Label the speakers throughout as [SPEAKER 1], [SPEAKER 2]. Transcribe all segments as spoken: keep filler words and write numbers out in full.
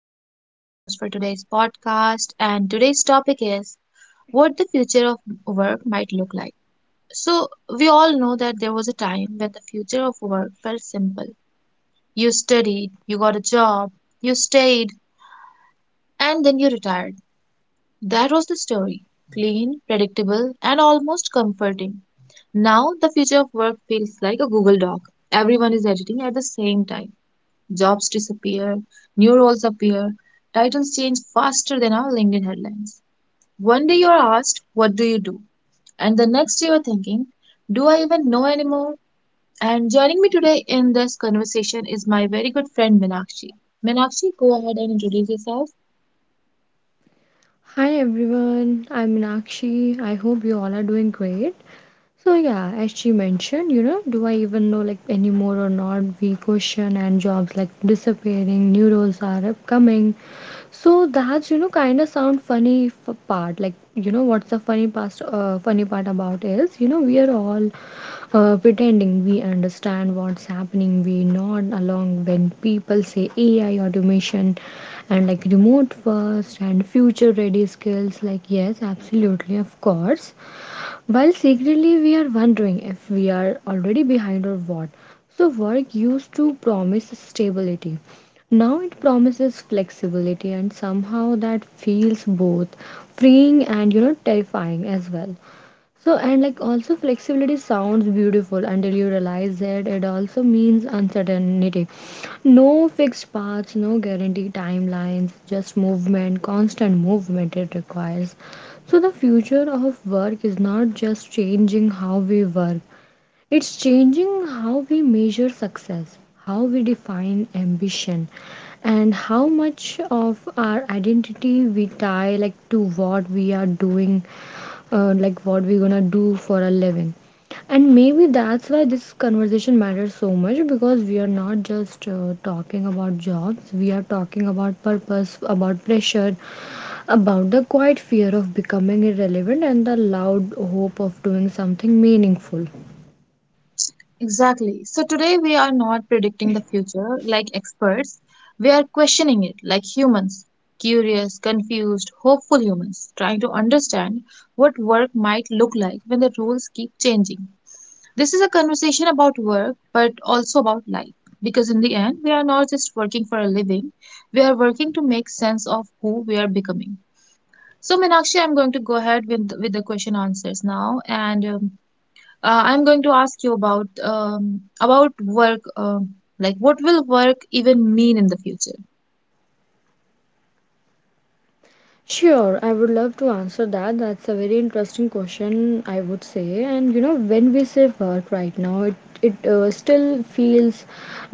[SPEAKER 1] Shifa. I'm your host for today's podcast, and today's topic is what the future of work might look like. So, we all know that there was a time when the future of work felt simple. You studied, you got a job, you stayed, and then you retired. That was the story — clean, predictable, and almost comforting. Now, the future of work feels like a Google Doc. Everyone is editing at the same time. Jobs disappear, new roles appear, titles change faster than our LinkedIn headlines. One day you are asked, "What do you do?" And the next you are thinking, "Do I even know anymore?" And joining me today in this conversation is my very good friend Minakshi. Minakshi, go ahead and introduce yourself.
[SPEAKER 2] Hi everyone! I'm Anakshi. I hope you all are doing great. So yeah, as she mentioned, you know, do I even know like anymore or not? We question and jobs like disappearing, new roles are upcoming. So that's you know kind of sound funny f- part. Like you know what's the funny past uh, funny part about is you know we are all uh, pretending we understand what's happening. We nod along when people say A I automation and like remote first and future ready skills. Like yes, absolutely, of course. While secretly we are wondering if we are already behind or what. So, work used to promise stability. Now it promises flexibility, and somehow that feels both freeing and you know terrifying as well. So, and like also flexibility sounds beautiful until you realize that it also means uncertainty. No fixed paths, no guaranteed timelines, just movement, constant movement it requires. So, the future of work is not just changing how we work, it's changing how we measure success, how we define ambition, and how much of our identity we tie like to what we are doing uh, like what we're gonna do for a living. And maybe that's why this conversation matters so much because we are not just uh, talking about jobs, we are talking about purpose, about pressure, about the quiet fear of becoming irrelevant, and the loud hope of doing something meaningful.
[SPEAKER 1] Exactly. So today we are not predicting the future like experts. We are questioning it like humans — curious, confused, hopeful humans, trying to understand what work might look like when the rules keep changing. This is a conversation about work, but also about life. Because in the end, we are not just working for a living, we are working to make sense of who we are becoming. So, Meenakshi, I'm going to go ahead with, with the question answers now. And um, uh, I'm going to ask you about, um, about work. Um, like, what will work even mean in the future?
[SPEAKER 2] Sure, I would love to answer that. That's a very interesting question, I would say. And you know, when we say work right now, it it uh, still feels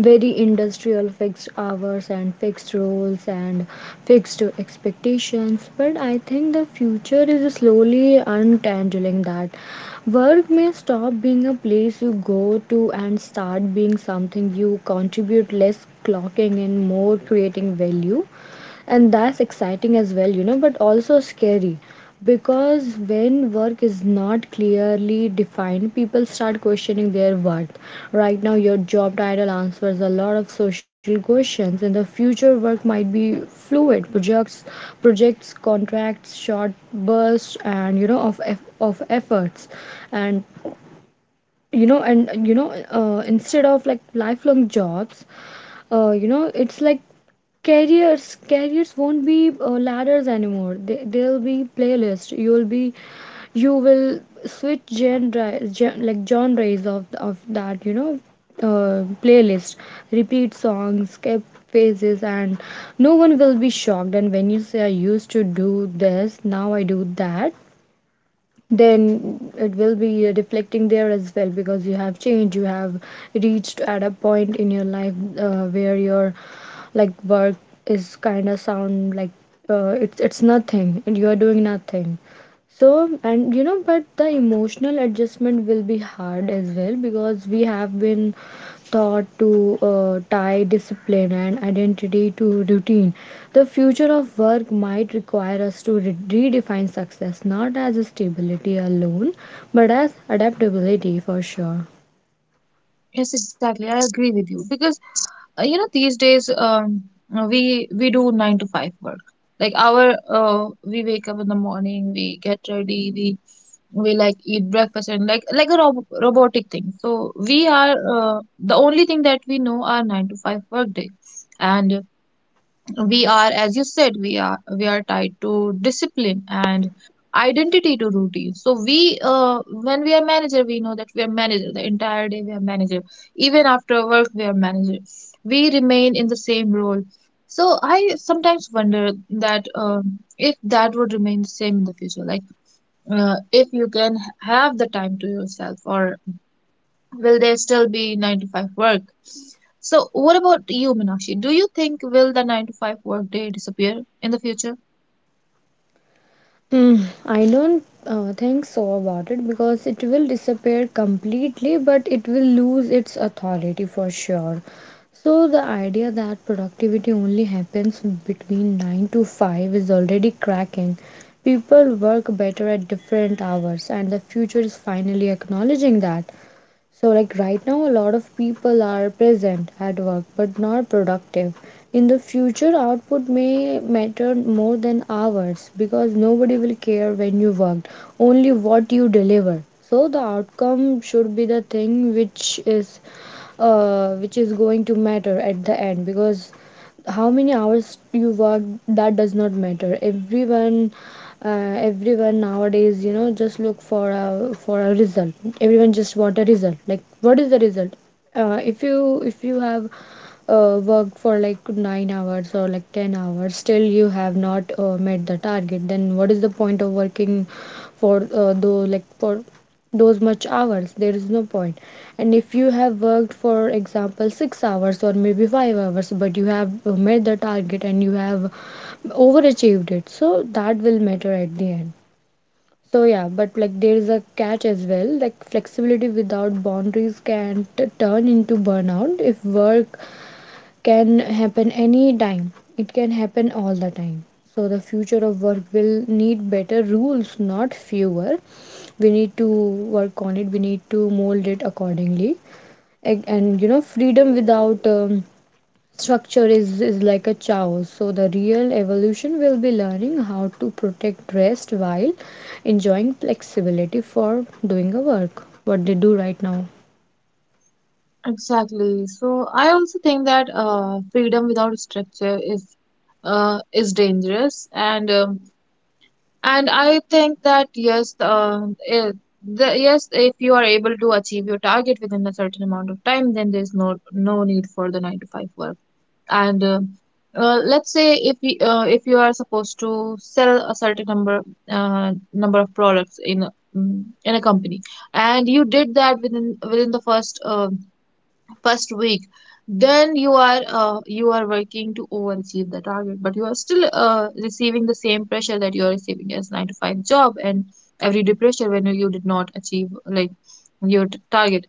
[SPEAKER 2] very industrial, fixed hours and fixed roles and fixed expectations. But I think the future is slowly untangling that. Work may stop being a place you go to and start being something you contribute, less clocking in, more creating value. And that's exciting as well, you know but also scary, because when work is not clearly defined, people start questioning their worth. Right now your job title answers a lot of social questions. In the future work might be fluid. Projects projects contracts, short bursts and you know of eff- of efforts. And you know and you know uh, instead of like lifelong jobs, uh, you know it's like careers careers won't be uh, ladders anymore. They, they'll be playlist. You'll be you will switch genre, gen, like genres of of that, you know uh, playlist, repeat songs, skip phases, and no one will be shocked. And when you say, I used to do this, now I do that, then it will be uh, reflecting there as well, because you have changed, you have reached at a point in your life uh, where your like work is kind of sound like uh, it's it's nothing and you are doing nothing. So, and you know but the emotional adjustment will be hard as well, because we have been taught to uh, tie discipline and identity to routine. The future of work might require us to re- redefine success not as stability alone, but as adaptability for sure.
[SPEAKER 1] Yes, exactly. I agree with you. Because, uh, you know, these days, um, uh, we we do nine to five work. Like, our, uh, we wake up in the morning, we get ready, we we like eat breakfast and like like a rob robotic thing. So we are uh, the only thing that we know are nine to five work day, and we are, as you said, we are we are tied to discipline and identity to routine. So we uh, when we are manager, we know that we are manager the entire day, we are manager even after work, we are manager, we remain in the same role. So I sometimes wonder that, um if that would remain the same in the future. Like uh, if you can have the time to yourself, or will there still be nine to five work? So, what about you, Meenakshi? Do you think will the nine to five work day disappear in the future?
[SPEAKER 2] Mm, I don't uh, think so about it because it will disappear completely, but it will lose its authority for sure. So, the idea that productivity only happens between nine to five is already cracking. People work better at different hours, and the future is finally acknowledging that. So, like right now, a lot of people are present at work but not productive. In the future, output may matter more than hours, because nobody will care when you worked, only what you deliver. So, the outcome should be the thing which is uh, which is going to matter at the end, because how many hours you work that does not matter. Everyone uh, everyone nowadays, you know just look for a for a result. Everyone just want a result. Like, what is the result? Uh, if you if you have uh, worked for like nine hours or like ten hours, still you have not uh, met the target, then what is the point of working for uh, though like for those much hours? There is no point point. And if you have worked for example six hours or maybe five hours but you have uh, met the target and you have overachieved it, so that will matter at the end. So yeah, but like there is a catch as well. Like flexibility without boundaries can t- turn into burnout. If work can happen any time, it can happen all the time. So the future of work will need better rules, not fewer. We need to work on it. We need to mold it accordingly. And, and you know, freedom without um, structure is is like a chaos. So the real evolution will be learning how to protect rest while enjoying flexibility for doing a work. What they do right now.
[SPEAKER 1] Exactly. So I also think that, uh, freedom without structure is uh, is dangerous, and, um, and I think that yes, uh, if the, yes, if you are able to achieve your target within a certain amount of time, then there's no no need for the nine to five work. and uh, uh, let's say if you, uh, if you are supposed to sell a certain number uh, number of products in a- mm, in a company, and you did that within within the first uh, first week. Then you are uh, you are working to overachieve the target, but you are still uh, receiving the same pressure that you are receiving as nine to five job, and every day pressure when you did not achieve, like, your t- target.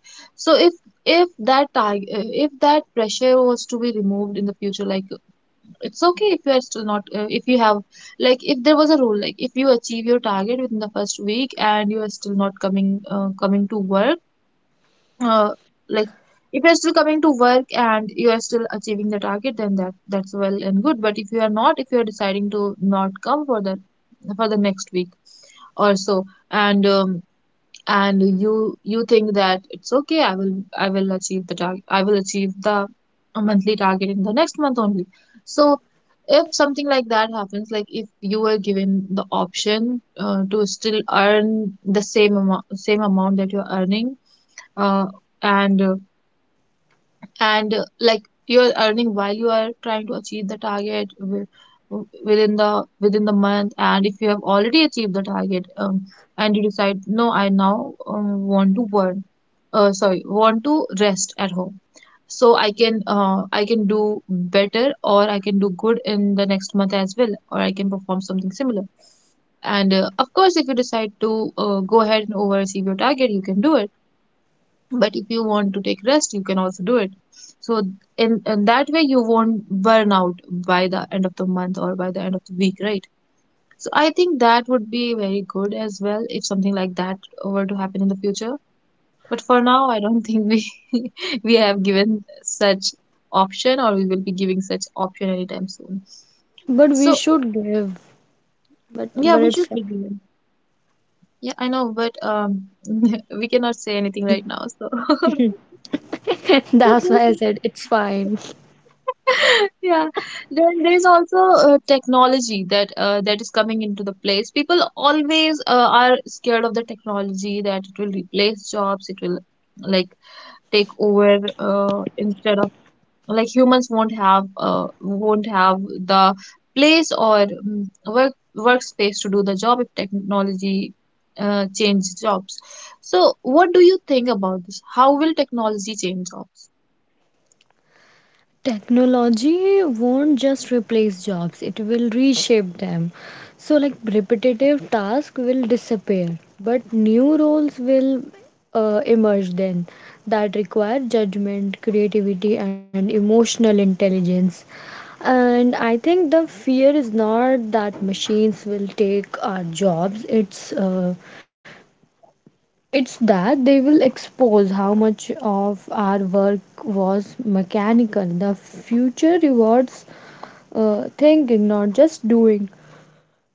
[SPEAKER 1] So if if that target if that pressure was to be removed in the future, like, it's okay. If you are still not, uh, if you have, like, if there was a rule, like, if you achieve your target within the first week and you are still not coming, uh, coming to work, uh, like, if you're still coming to work and you are still achieving the target, then that that's well and good. But if you are not, if you're deciding to not come for the, for the next week or so, and, um, and you you think that it's okay, i will i will achieve the target, I will achieve the monthly target in the next month only. So if something like that happens, like, if you were given the option, uh, to still earn the same amount, same amount that you're earning, uh, and uh, and uh, like you're earning while you are trying to achieve the target, wi- w- within the within the month. And if you have already achieved the target, um, and you decide, no, I now, um, want to burn, uh, sorry, want to rest at home, so i can uh, i can do better, or I can do good in the next month as well, or I can perform something similar. And, uh, of course, if you decide to, uh, go ahead and overachieve your target, you can do it. But if you want to take rest, you can also do it. So, in, in that way, you won't burn out by the end of the month or by the end of the week, right? So I think that would be very good as well if something like that were to happen in the future. But for now, I don't think we we have given such option, or we will be giving such option anytime soon.
[SPEAKER 2] But we
[SPEAKER 1] So
[SPEAKER 2] should give. But
[SPEAKER 1] yeah,
[SPEAKER 2] but
[SPEAKER 1] we
[SPEAKER 2] it's
[SPEAKER 1] should be given. Yeah, I know, but, um we cannot say anything right now, so so
[SPEAKER 2] That's why I
[SPEAKER 1] just
[SPEAKER 2] said it's fine.
[SPEAKER 1] Yeah, then there's also, uh, technology that uh, that is coming into the place. People always, uh, are scared of the technology that it will replace jobs, it will, like, take over, uh, instead of, like, humans won't have uh, won't have the place or, mm, work workspace to do the job if technology, uh, changes jobs. So, what do you think about this? How will technology change jobs?
[SPEAKER 2] Technology won't just replace jobs, it will reshape them. So, like repetitive tasks will disappear, but new roles will uh, emerge then, that require judgment, creativity, and emotional intelligence. And I think the fear is not that machines will take our jobs, it's uh, it's that they will expose how much of our work was mechanical. The future rewards uh, thinking, not just doing.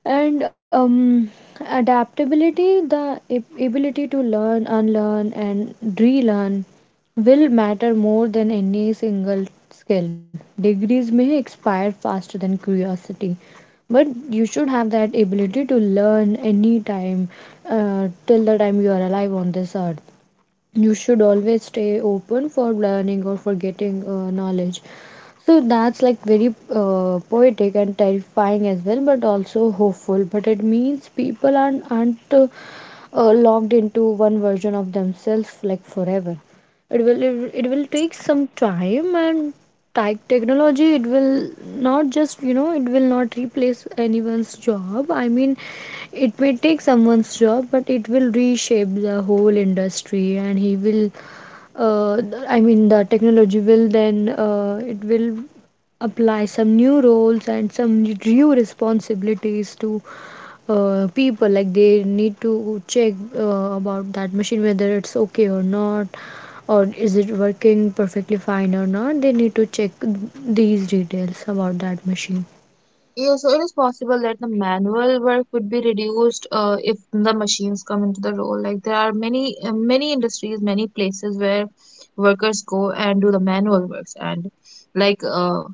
[SPEAKER 2] And um, adaptability, the ab- ability to learn, unlearn and relearn will matter more than any single skill. Degrees may expire faster than curiosity, but you should have that ability to learn any time, uh, till the time you are alive on this earth. You should always stay open for learning or for getting uh, knowledge. So that's like very uh, poetic and terrifying as well, but also hopeful. But it means people aren't, aren't uh, uh, locked into one version of themselves like forever. It will it will take some time. And tech technology, it will not, just you know it will not replace anyone's job. I mean, it may take someone's job, but it will reshape the whole industry, and he will uh, th- I mean the technology will then uh, it will apply some new roles and some new responsibilities to uh, people. Like they need to check uh, about that machine, whether it's okay or not, or is it working perfectly fine or not. They need to check these details about that machine.
[SPEAKER 1] Yeah, so it is possible that the manual work would be reduced, uh, if the machines come into the role. Like, there are many uh, many industries, many places where workers go and do the manual works, and, like, uh,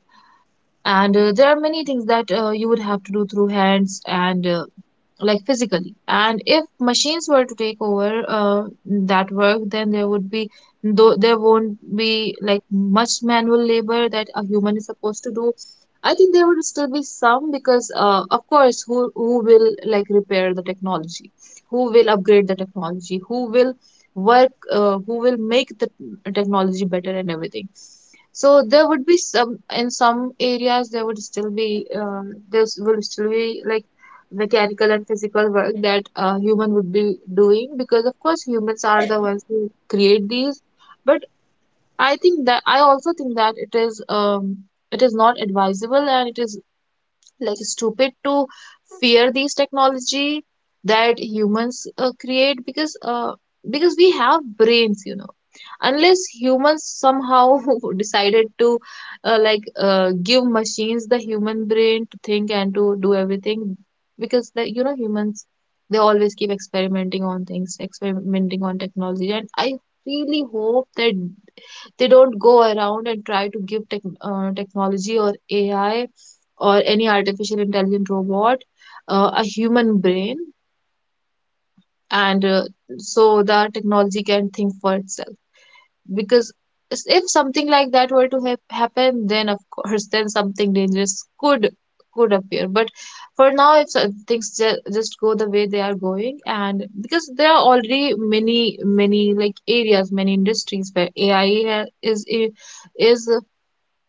[SPEAKER 1] and uh, there are many things that, uh, you would have to do through hands and, uh, like, physically. And if machines were to take over, uh, that work, then there would be, though there won't be like, much manual labor that a human is supposed to do. I think there would still be some because, uh, of course, who who will like repair the technology, who will upgrade the technology, who will work, uh, who will make the technology better and everything. So there would be some, in some areas there would still be, uh, there will still be, like, mechanical and physical work that a human would be doing, because of course humans are the ones who create these. But I think that, I also think that, it is um it is not advisable, and it is, like, stupid to fear these technology that humans, uh, create, because, uh, because we have brains, you know. Unless humans somehow decided to, uh, like uh, give machines the human brain to think and to do everything. Because, the, you know, humans, they always keep experimenting on things, experimenting on technology, and I really hope that they don't go around and try to give tech, uh, technology or AI, or any artificial intelligent robot, uh, a human brain. And, uh, so the technology can think for itself. Because, s- if something like that were to hap happen, then of course then something dangerous could could appear. But for now, if so- things ju- just go the way they are going. And because there are already many many like areas, many industries where AI, ha- is i- is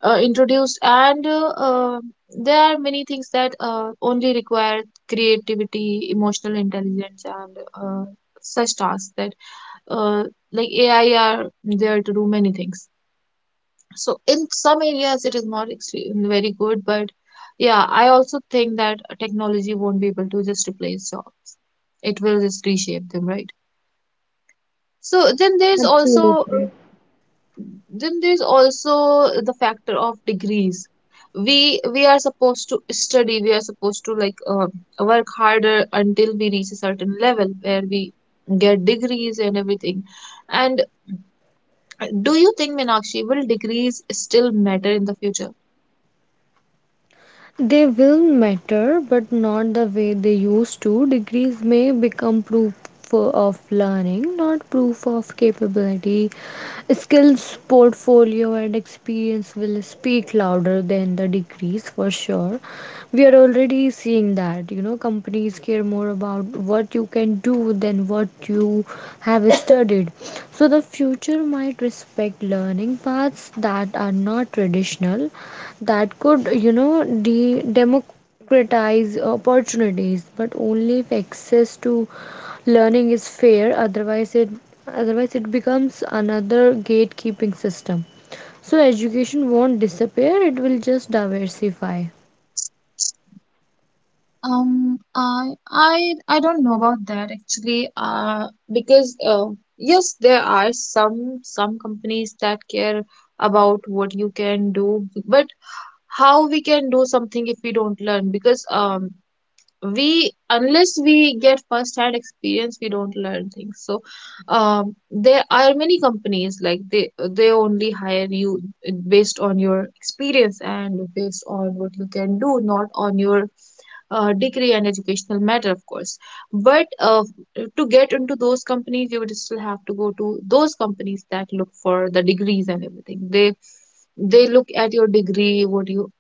[SPEAKER 1] uh, introduced, and, uh, uh, there are many things that, uh, only require creativity, emotional intelligence, and, uh, such tasks that, uh, like, AI are there to do many things. So in some areas it is not extreme, very good. But yeah, I also think that technology won't be able to just replace job, it will just reshape them, right? So then there's also uh,
[SPEAKER 2] Absolutely.
[SPEAKER 1] then there's also the factor of degrees. We we are supposed to study. We are supposed to, like, uh, work harder until we reach a certain level where we get degrees and everything. And, do you think, Meenakshi, will degrees still matter in the future?
[SPEAKER 2] They will matter, but not the way they used to. Degrees may become proof of learning, not proof of capability. Skills, portfolio, and experience will speak louder than the degrees for sure. We are already seeing that, you know, companies care more about what you can do than what you have studied. So the future might respect learning paths that are not traditional, that could, you know, de- democratize opportunities, but only if access to learning is fair. Otherwise, it otherwise it becomes another gatekeeping system. So education won't disappear; it will just diversify.
[SPEAKER 1] Um, I I I don't know about that actually. Uh, because, uh, yes, there are some some companies that care about what you can do, but how we can do something if we don't learn? Because um, we unless we get first hand experience we don't learn things. So um, there are many companies, like they they only hire you based on your experience and based on what you can do, not on your uh, degree and educational matter, of course. But uh, to get into those companies you would still have to go to those companies that look for the degrees and everything. They they look at your degree, what you,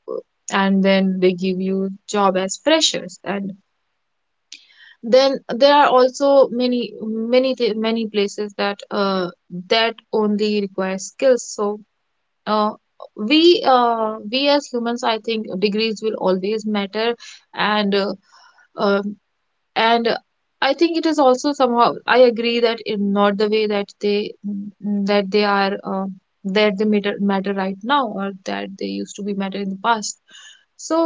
[SPEAKER 1] and then they give you job as freshers. And then there are also many many thi- many places that uh, that only require skills. So uh, we uh, we as humans, I think degrees will always matter. And uh, uh, and uh, I think it is also somehow, I agree that, in not the way that they mm, that they are, uh, that they matter, matter right now, or that they used to be matter in the past. so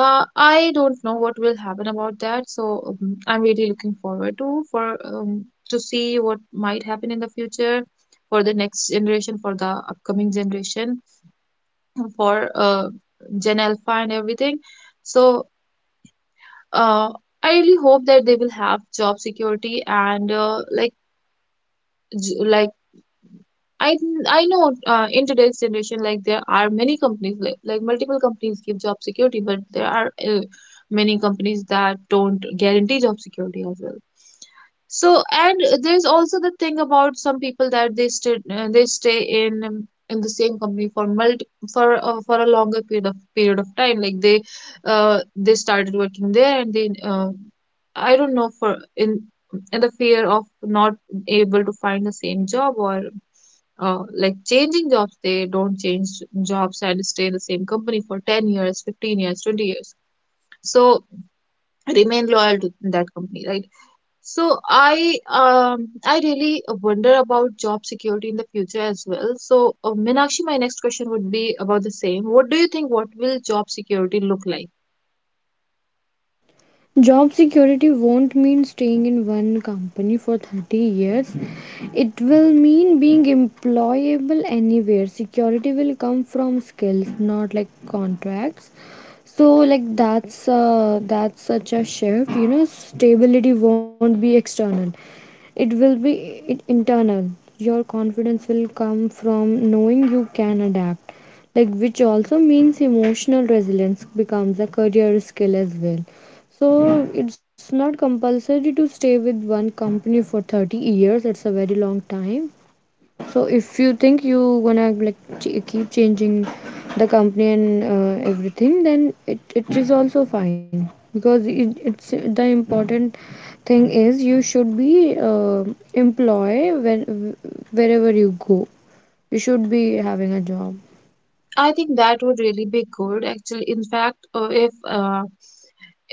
[SPEAKER 1] uh, I don't know what will happen about that. So um, I'm really looking forward to for um, to see what might happen in the future, for the next generation, for the upcoming generation, for uh, gen alpha and everything. So uh, I really hope that they will have job security, and uh, like j- like I I know, uh, in today's generation, like there are many companies, like, like multiple companies give job security, but there are uh, many companies that don't guarantee job security as well. So, and there's also the thing about some people, that they stay uh, they stay in um, in the same company for multi for uh, for a longer period of period of time. Like they uh they started working there, and they uh, I don't know, for in in the fear of not able to find the same job, or uh, like, changing jobs, they don't change jobs and stay in the same company for ten years, fifteen years, twenty years, so remain loyal to that company, right? So i um i really wonder about job security in the future as well. So uh, Meenakshi, my next question would be about the same. What do you think? What will job security look like?
[SPEAKER 2] Job security won't mean staying in one company for thirty years. It will mean being employable anywhere. Security will come from skills, not like contracts. So like that's uh, that's such a shift. You know, stability won't be external. It will be i- internal. Your confidence will come from knowing you can adapt. Like, which also means emotional resilience becomes a career skill as well. So it's not compulsory to stay with one company for thirty years. It's a very long time. So if you think you gonna like ch- keep changing the company and uh, everything, then it, it is also fine because it, it's the important thing is you should be uh, employed when wherever you go. You should be having a job.
[SPEAKER 1] I think that would really be good, actually. In fact, uh, if uh,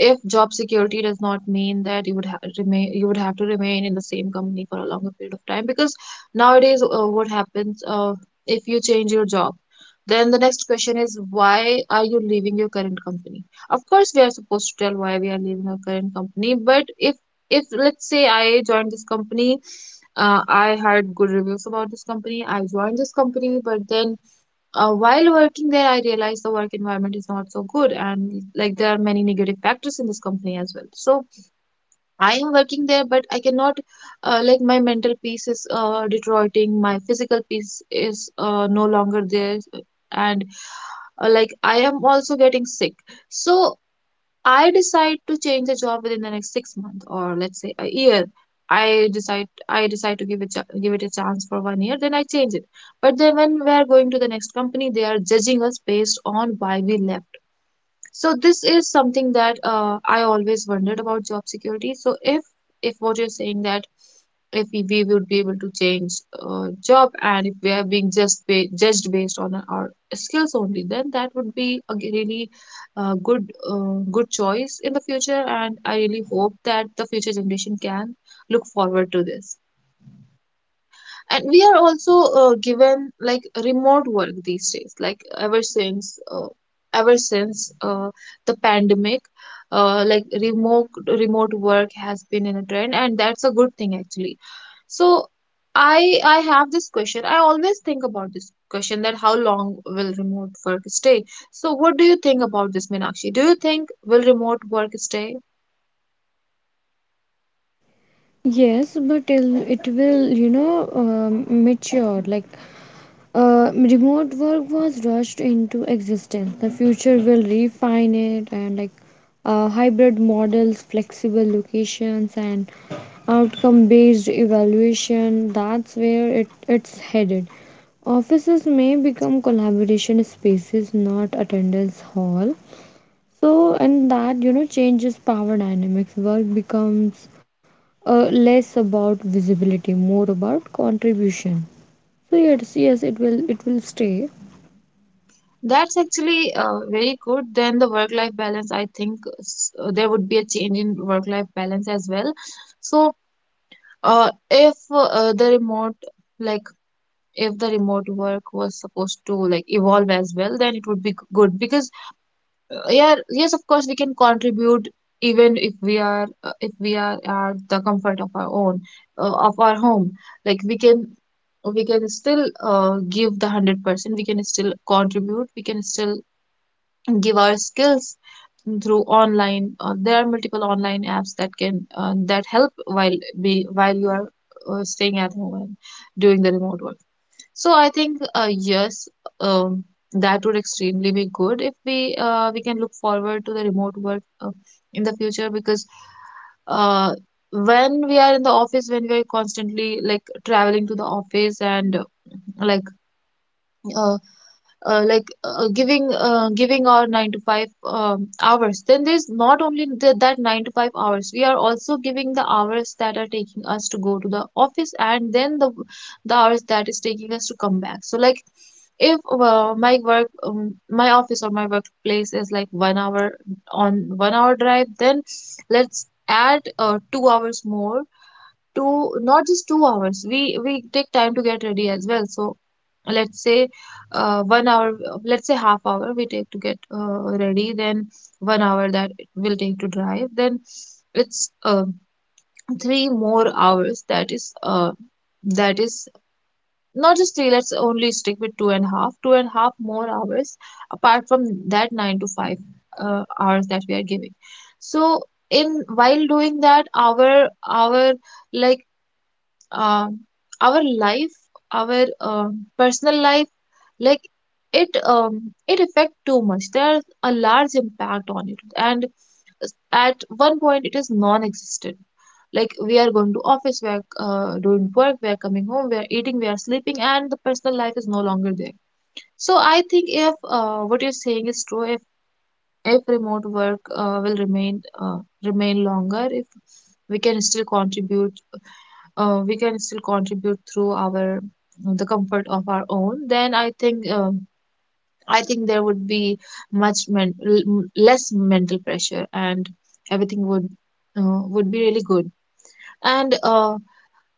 [SPEAKER 1] if job security does not mean that you would ha- remain you would have to remain in the same company for a longer period of time, because nowadays, uh, what happens, uh, if you change your job, then the next question is, why are you leaving your current company? Of course we are supposed to tell why we are leaving our current company, but if if let's say I joined this company. uh, I heard good reviews about this company, I joined this company, but then, uh, while working there, I realized the work environment is not so good, and like there are many negative factors in this company as well. So I am working there, but I cannot, uh, like, my mental peace is uh, deteriorating, my physical peace is uh, no longer there, and uh, like, I am also getting sick. So I decide to change the job within the next six months, or let's say a year. I decide I decide to give it give it a chance for one year, then I change it. But then when we are going to the next company, they are judging us based on why we left. So this is something that, uh, I always wondered about job security. So if if what you're saying, that if we, we would be able to change uh, job, and if we are being just ba- judged based on our skills only, then that would be a g- really uh, good uh, good choice in the future. And I really hope that the future generation can look forward to this. And we are also uh, given, like, remote work these days, like, ever since uh, ever since uh, the pandemic. Uh, like, remote remote work has been in a trend, and that's a good thing, actually. So I I have this question. I always think about this question, that how long will remote work stay? So what do you think about this, Meenakshi? Do you think will remote work stay?
[SPEAKER 2] Yes, but it'll, it will, you know, um, mature. Like Uh, remote work was rushed into existence. The future will refine it and like uh, hybrid models, flexible locations, and outcome based evaluation. That's where it, it's headed. Offices may become collaboration spaces, not attendance hall. So, and that you know changes power dynamics. Work becomes uh, less about visibility, more about contribution. So yes, yes, it will it will stay.
[SPEAKER 1] That's actually uh, very good. Then the work-life balance, I think s- uh, there would be a change in work-life balance as well. So uh, if uh, the remote, like, if the remote work was supposed to, like, evolve as well, then it would be g- good. Because Uh, yeah, yes, of course, we can contribute, even if we are, uh, if we are at the comfort of our own, uh, of our home. Like, we can we can still uh, give the one hundred percent, we can still contribute, we can still give our skills through online. Uh, there are multiple online apps that can, uh, that help while be while you are uh, staying at home and doing the remote work. So I think, uh, yes, um, that would extremely be good if we uh, we can look forward to the remote work uh, in the future. Because uh, when we are in the office, when we are constantly, like, traveling to the office, and uh, like uh, uh, like uh, giving uh, giving our nine to five um, hours. Then there's not only the, that nine to five hours, we are also giving the hours that are taking us to go to the office, and then the the hours that is taking us to come back. So, like, if uh, my work um, my office or my workplace is like one hour, on one hour drive. Then let's add uh, two hours more. Two, not just two hours, we we take time to get ready as well. So let's say, uh, one hour, let's say half hour we take to get uh, ready. Then one hour that it will take to drive. Then it's uh, three more hours, that is, uh, that is not just three. Let's only stick with two and a half two and a half more hours, apart from that nine to five uh, hours that we are giving. So, in while doing that, our our like, um our life, our um personal life, like, it um, it affect too much. There's a large impact on it, and at one point it is non-existent. Like, we are going to office, we are uh, doing work, we are coming home, we are eating, we are sleeping, and the personal life is no longer there. So I think, if uh, what you're saying is true, if if remote work uh, will remain uh, remain longer, if we can still contribute, uh, we can still contribute through our the comfort of our own, then I think, um I think there would be much men- l- less mental pressure, and everything would uh, would be really good. And uh,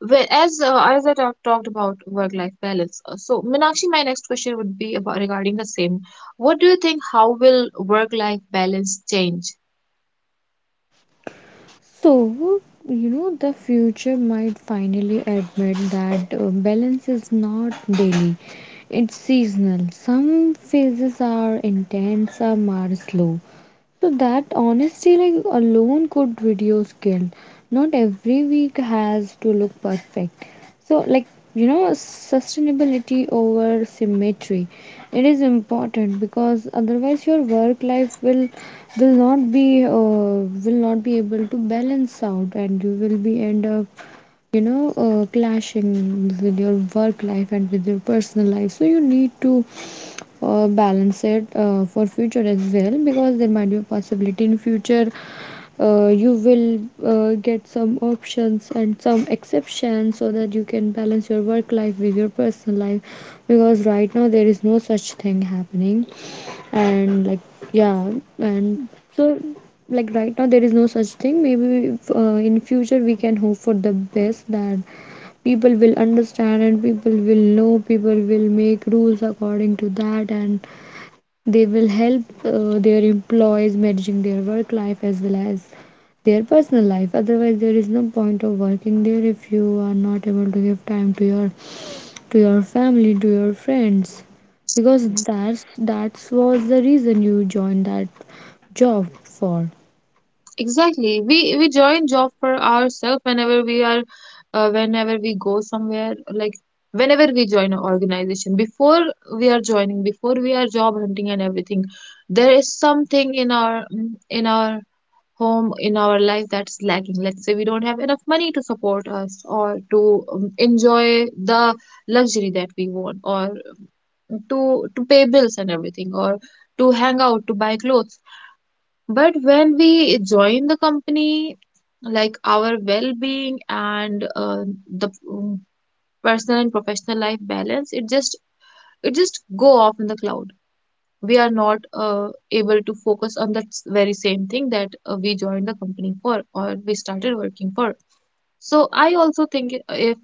[SPEAKER 1] well, as uh, as I talk, talked about work life balance, uh, so, Minakshi, my next question would be about, regarding the same. What do you think? How will work life balance change?
[SPEAKER 2] So you know the future might finally admit that uh, balance is not daily. It's seasonal. Some phases are intense, some are slow. So that honesty like alone could reduce guilt. Not every week has to look perfect. So like you know, sustainability over symmetry, it is important, because otherwise your work life will will not be uh, will not be able to balance out, and you will be end up, you know uh, clashing with your work life and with your personal life. So you need to uh, balance it uh, for future as well, because there might be a possibility in future uh, you will uh, get some options and some exceptions so that you can balance your work life with your personal life. Because right now there is no such thing happening. And like yeah, and so like right now there is no such thing. Maybe uh, in future we can hope for the best, that people will understand and people will know, people will make rules according to that, and they will help uh, their employees managing their work life as well as their personal life. Otherwise there is no point of working there if you are not able to give time to your to your family, to your friends, because that's that's was the reason you joined that job for.
[SPEAKER 1] Exactly. We we join job for ourselves, whenever we are, uh, whenever we go somewhere. Like, whenever we join an organization, before we are joining, before we are job hunting and everything, there is something in our mm, in our home, in our life, that's lacking. Let's say we don't have enough money to support us, or to um, enjoy the luxury that we want, or to to pay bills and everything, or to hang out, to buy clothes. But when we join the company, like, our well being, and uh, the mm, personal and professional life balance, it just, it just go off in the cloud. We are not uh, able to focus on that s- very same thing that uh, we joined the company for, or we started working for. So I also think, uh, if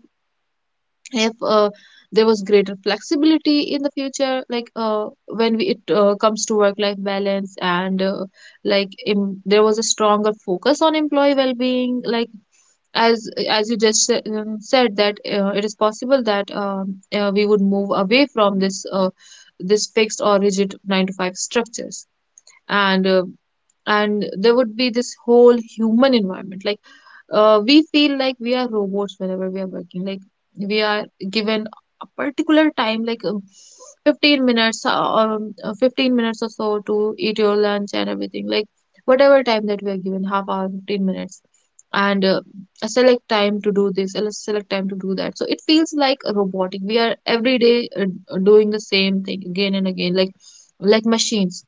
[SPEAKER 1] if uh, there was greater flexibility in the future, like, uh, when we, it uh, comes to work life balance, and uh, like em there was a stronger focus on employee well being. Like, as as you just sa- um, said that uh, it is possible that, um, uh, we would move away from this uh, this fixed or rigid nine to five structures. And uh, and there would be this whole human environment. Like, uh, we feel like we are robots whenever we are working. Like, we are given a particular time, like, um, fifteen minutes, uh, or um, uh, fifteen minutes or so, to eat your lunch and everything. Like, whatever time that we are given, half hour, fifteen minutes, and uh, a select time to do this, a select time to do that. So it feels like a robotic, we are every day uh, doing the same thing again and again, like like machines.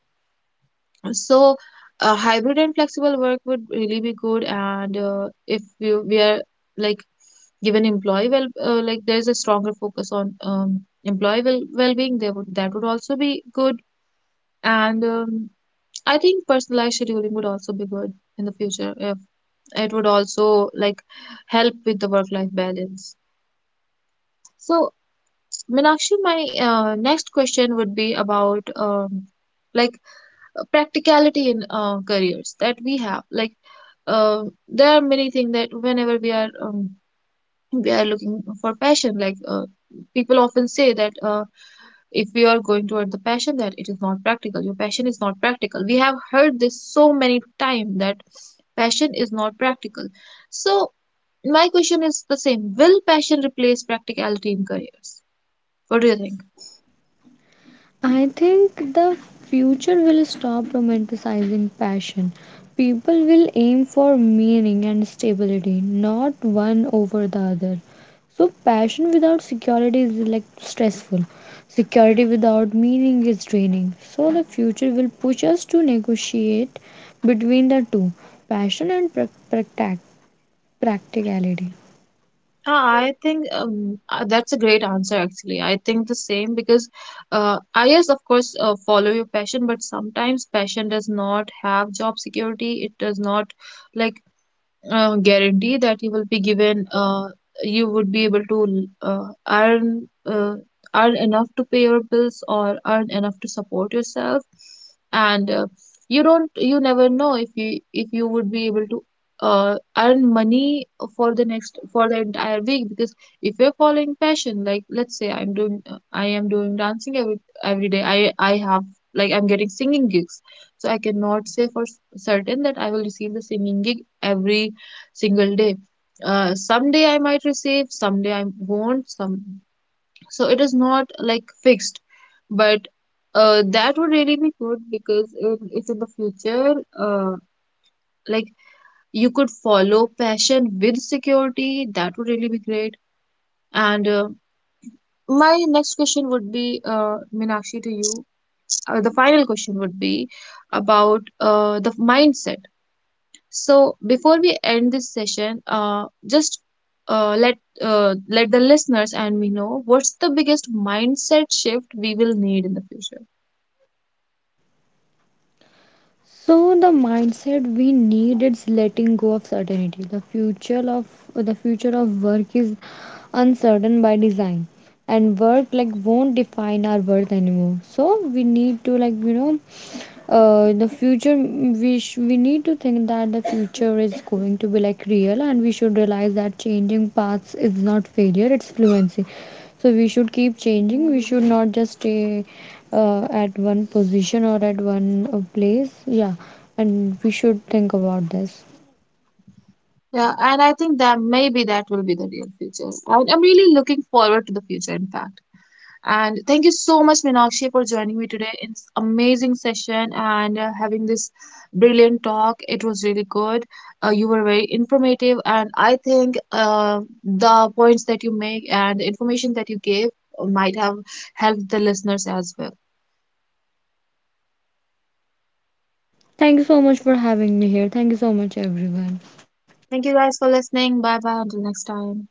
[SPEAKER 1] So, uh, hybrid and flexible work would really be good. And uh, if we, we are like, given, employee well, uh, like, there's a stronger focus on um, employee well well-being, there would that would also be good. And um, I think personalized scheduling would also be good in the future, if it would also, like, help with the work-life balance. So, Meenakshi, my uh, next question would be about, um, like, practicality in uh, careers that we have. Like, uh, there are many things that, whenever we are, um, we are looking for passion, like, uh, people often say that, uh, if we are going toward the passion, that it is not practical, your passion is not practical. We have heard this so many times, that passion is not practical. So my question is the same: will passion replace practicality in careers? What do you think?
[SPEAKER 2] I think the future will stop romanticizing passion. People will aim for meaning and stability, not one over the other. So, passion without security is like stressful. Security without meaning is draining. So, the future will push us to negotiate between the two, passion and prac- practic- practicality.
[SPEAKER 1] Uh, I think um, uh, that's a great answer, actually. I think the same because, uh, I yes, of course, uh, follow your passion, but sometimes passion does not have job security. It does not, like, uh, guarantee that you will be given uh, you would be able to uh, earn uh, earn enough to pay your bills, or earn enough to support yourself. And uh, you don't you never know if you if you would be able to uh, earn money for the next, for the entire week. Because if you're following passion, like, let's say, i'm doing uh, I am doing dancing every every day, i i have, like, I'm getting singing gigs. So I cannot say for s- certain that I will receive the singing gig every single day. Uh, someday I might receive, someday I won't. Some So it is not, like, fixed. But, uh, that would really be good because, if, if in the future, uh, like, you could follow passion with security, that would really be great. And uh, my next question would be, uh, Meenakshi, to you. Uh, the final question would be about uh, the mindset. So before we end this session, uh, just uh, let uh, let the listeners and me know, what's the biggest mindset shift we will need in the future?
[SPEAKER 2] So the mindset we need is letting go of certainty. The future of the future of work is uncertain by design, and work like won't define our worth anymore. So we need to like you know uh, the future, we sh- we need to think that the future is going to be like real, and we should realize that changing paths is not failure, it's fluency. So we should keep changing, we should not just stay uh, at one position or at one uh, place. Yeah, and we should think about this.
[SPEAKER 1] Yeah, and I think that maybe that will be the real future. And I'm really looking forward to the future, in fact. And thank you so much, Meenakshi, for joining me today in this amazing session, and uh, having this brilliant talk. It was really good. Uh, you were very informative, and I think uh, the points that you make and the information that you gave might have helped the listeners as well.
[SPEAKER 2] Thank you so much for having me here. Thank you so much everyone.
[SPEAKER 1] Thank you guys for listening. Bye bye. Until next time.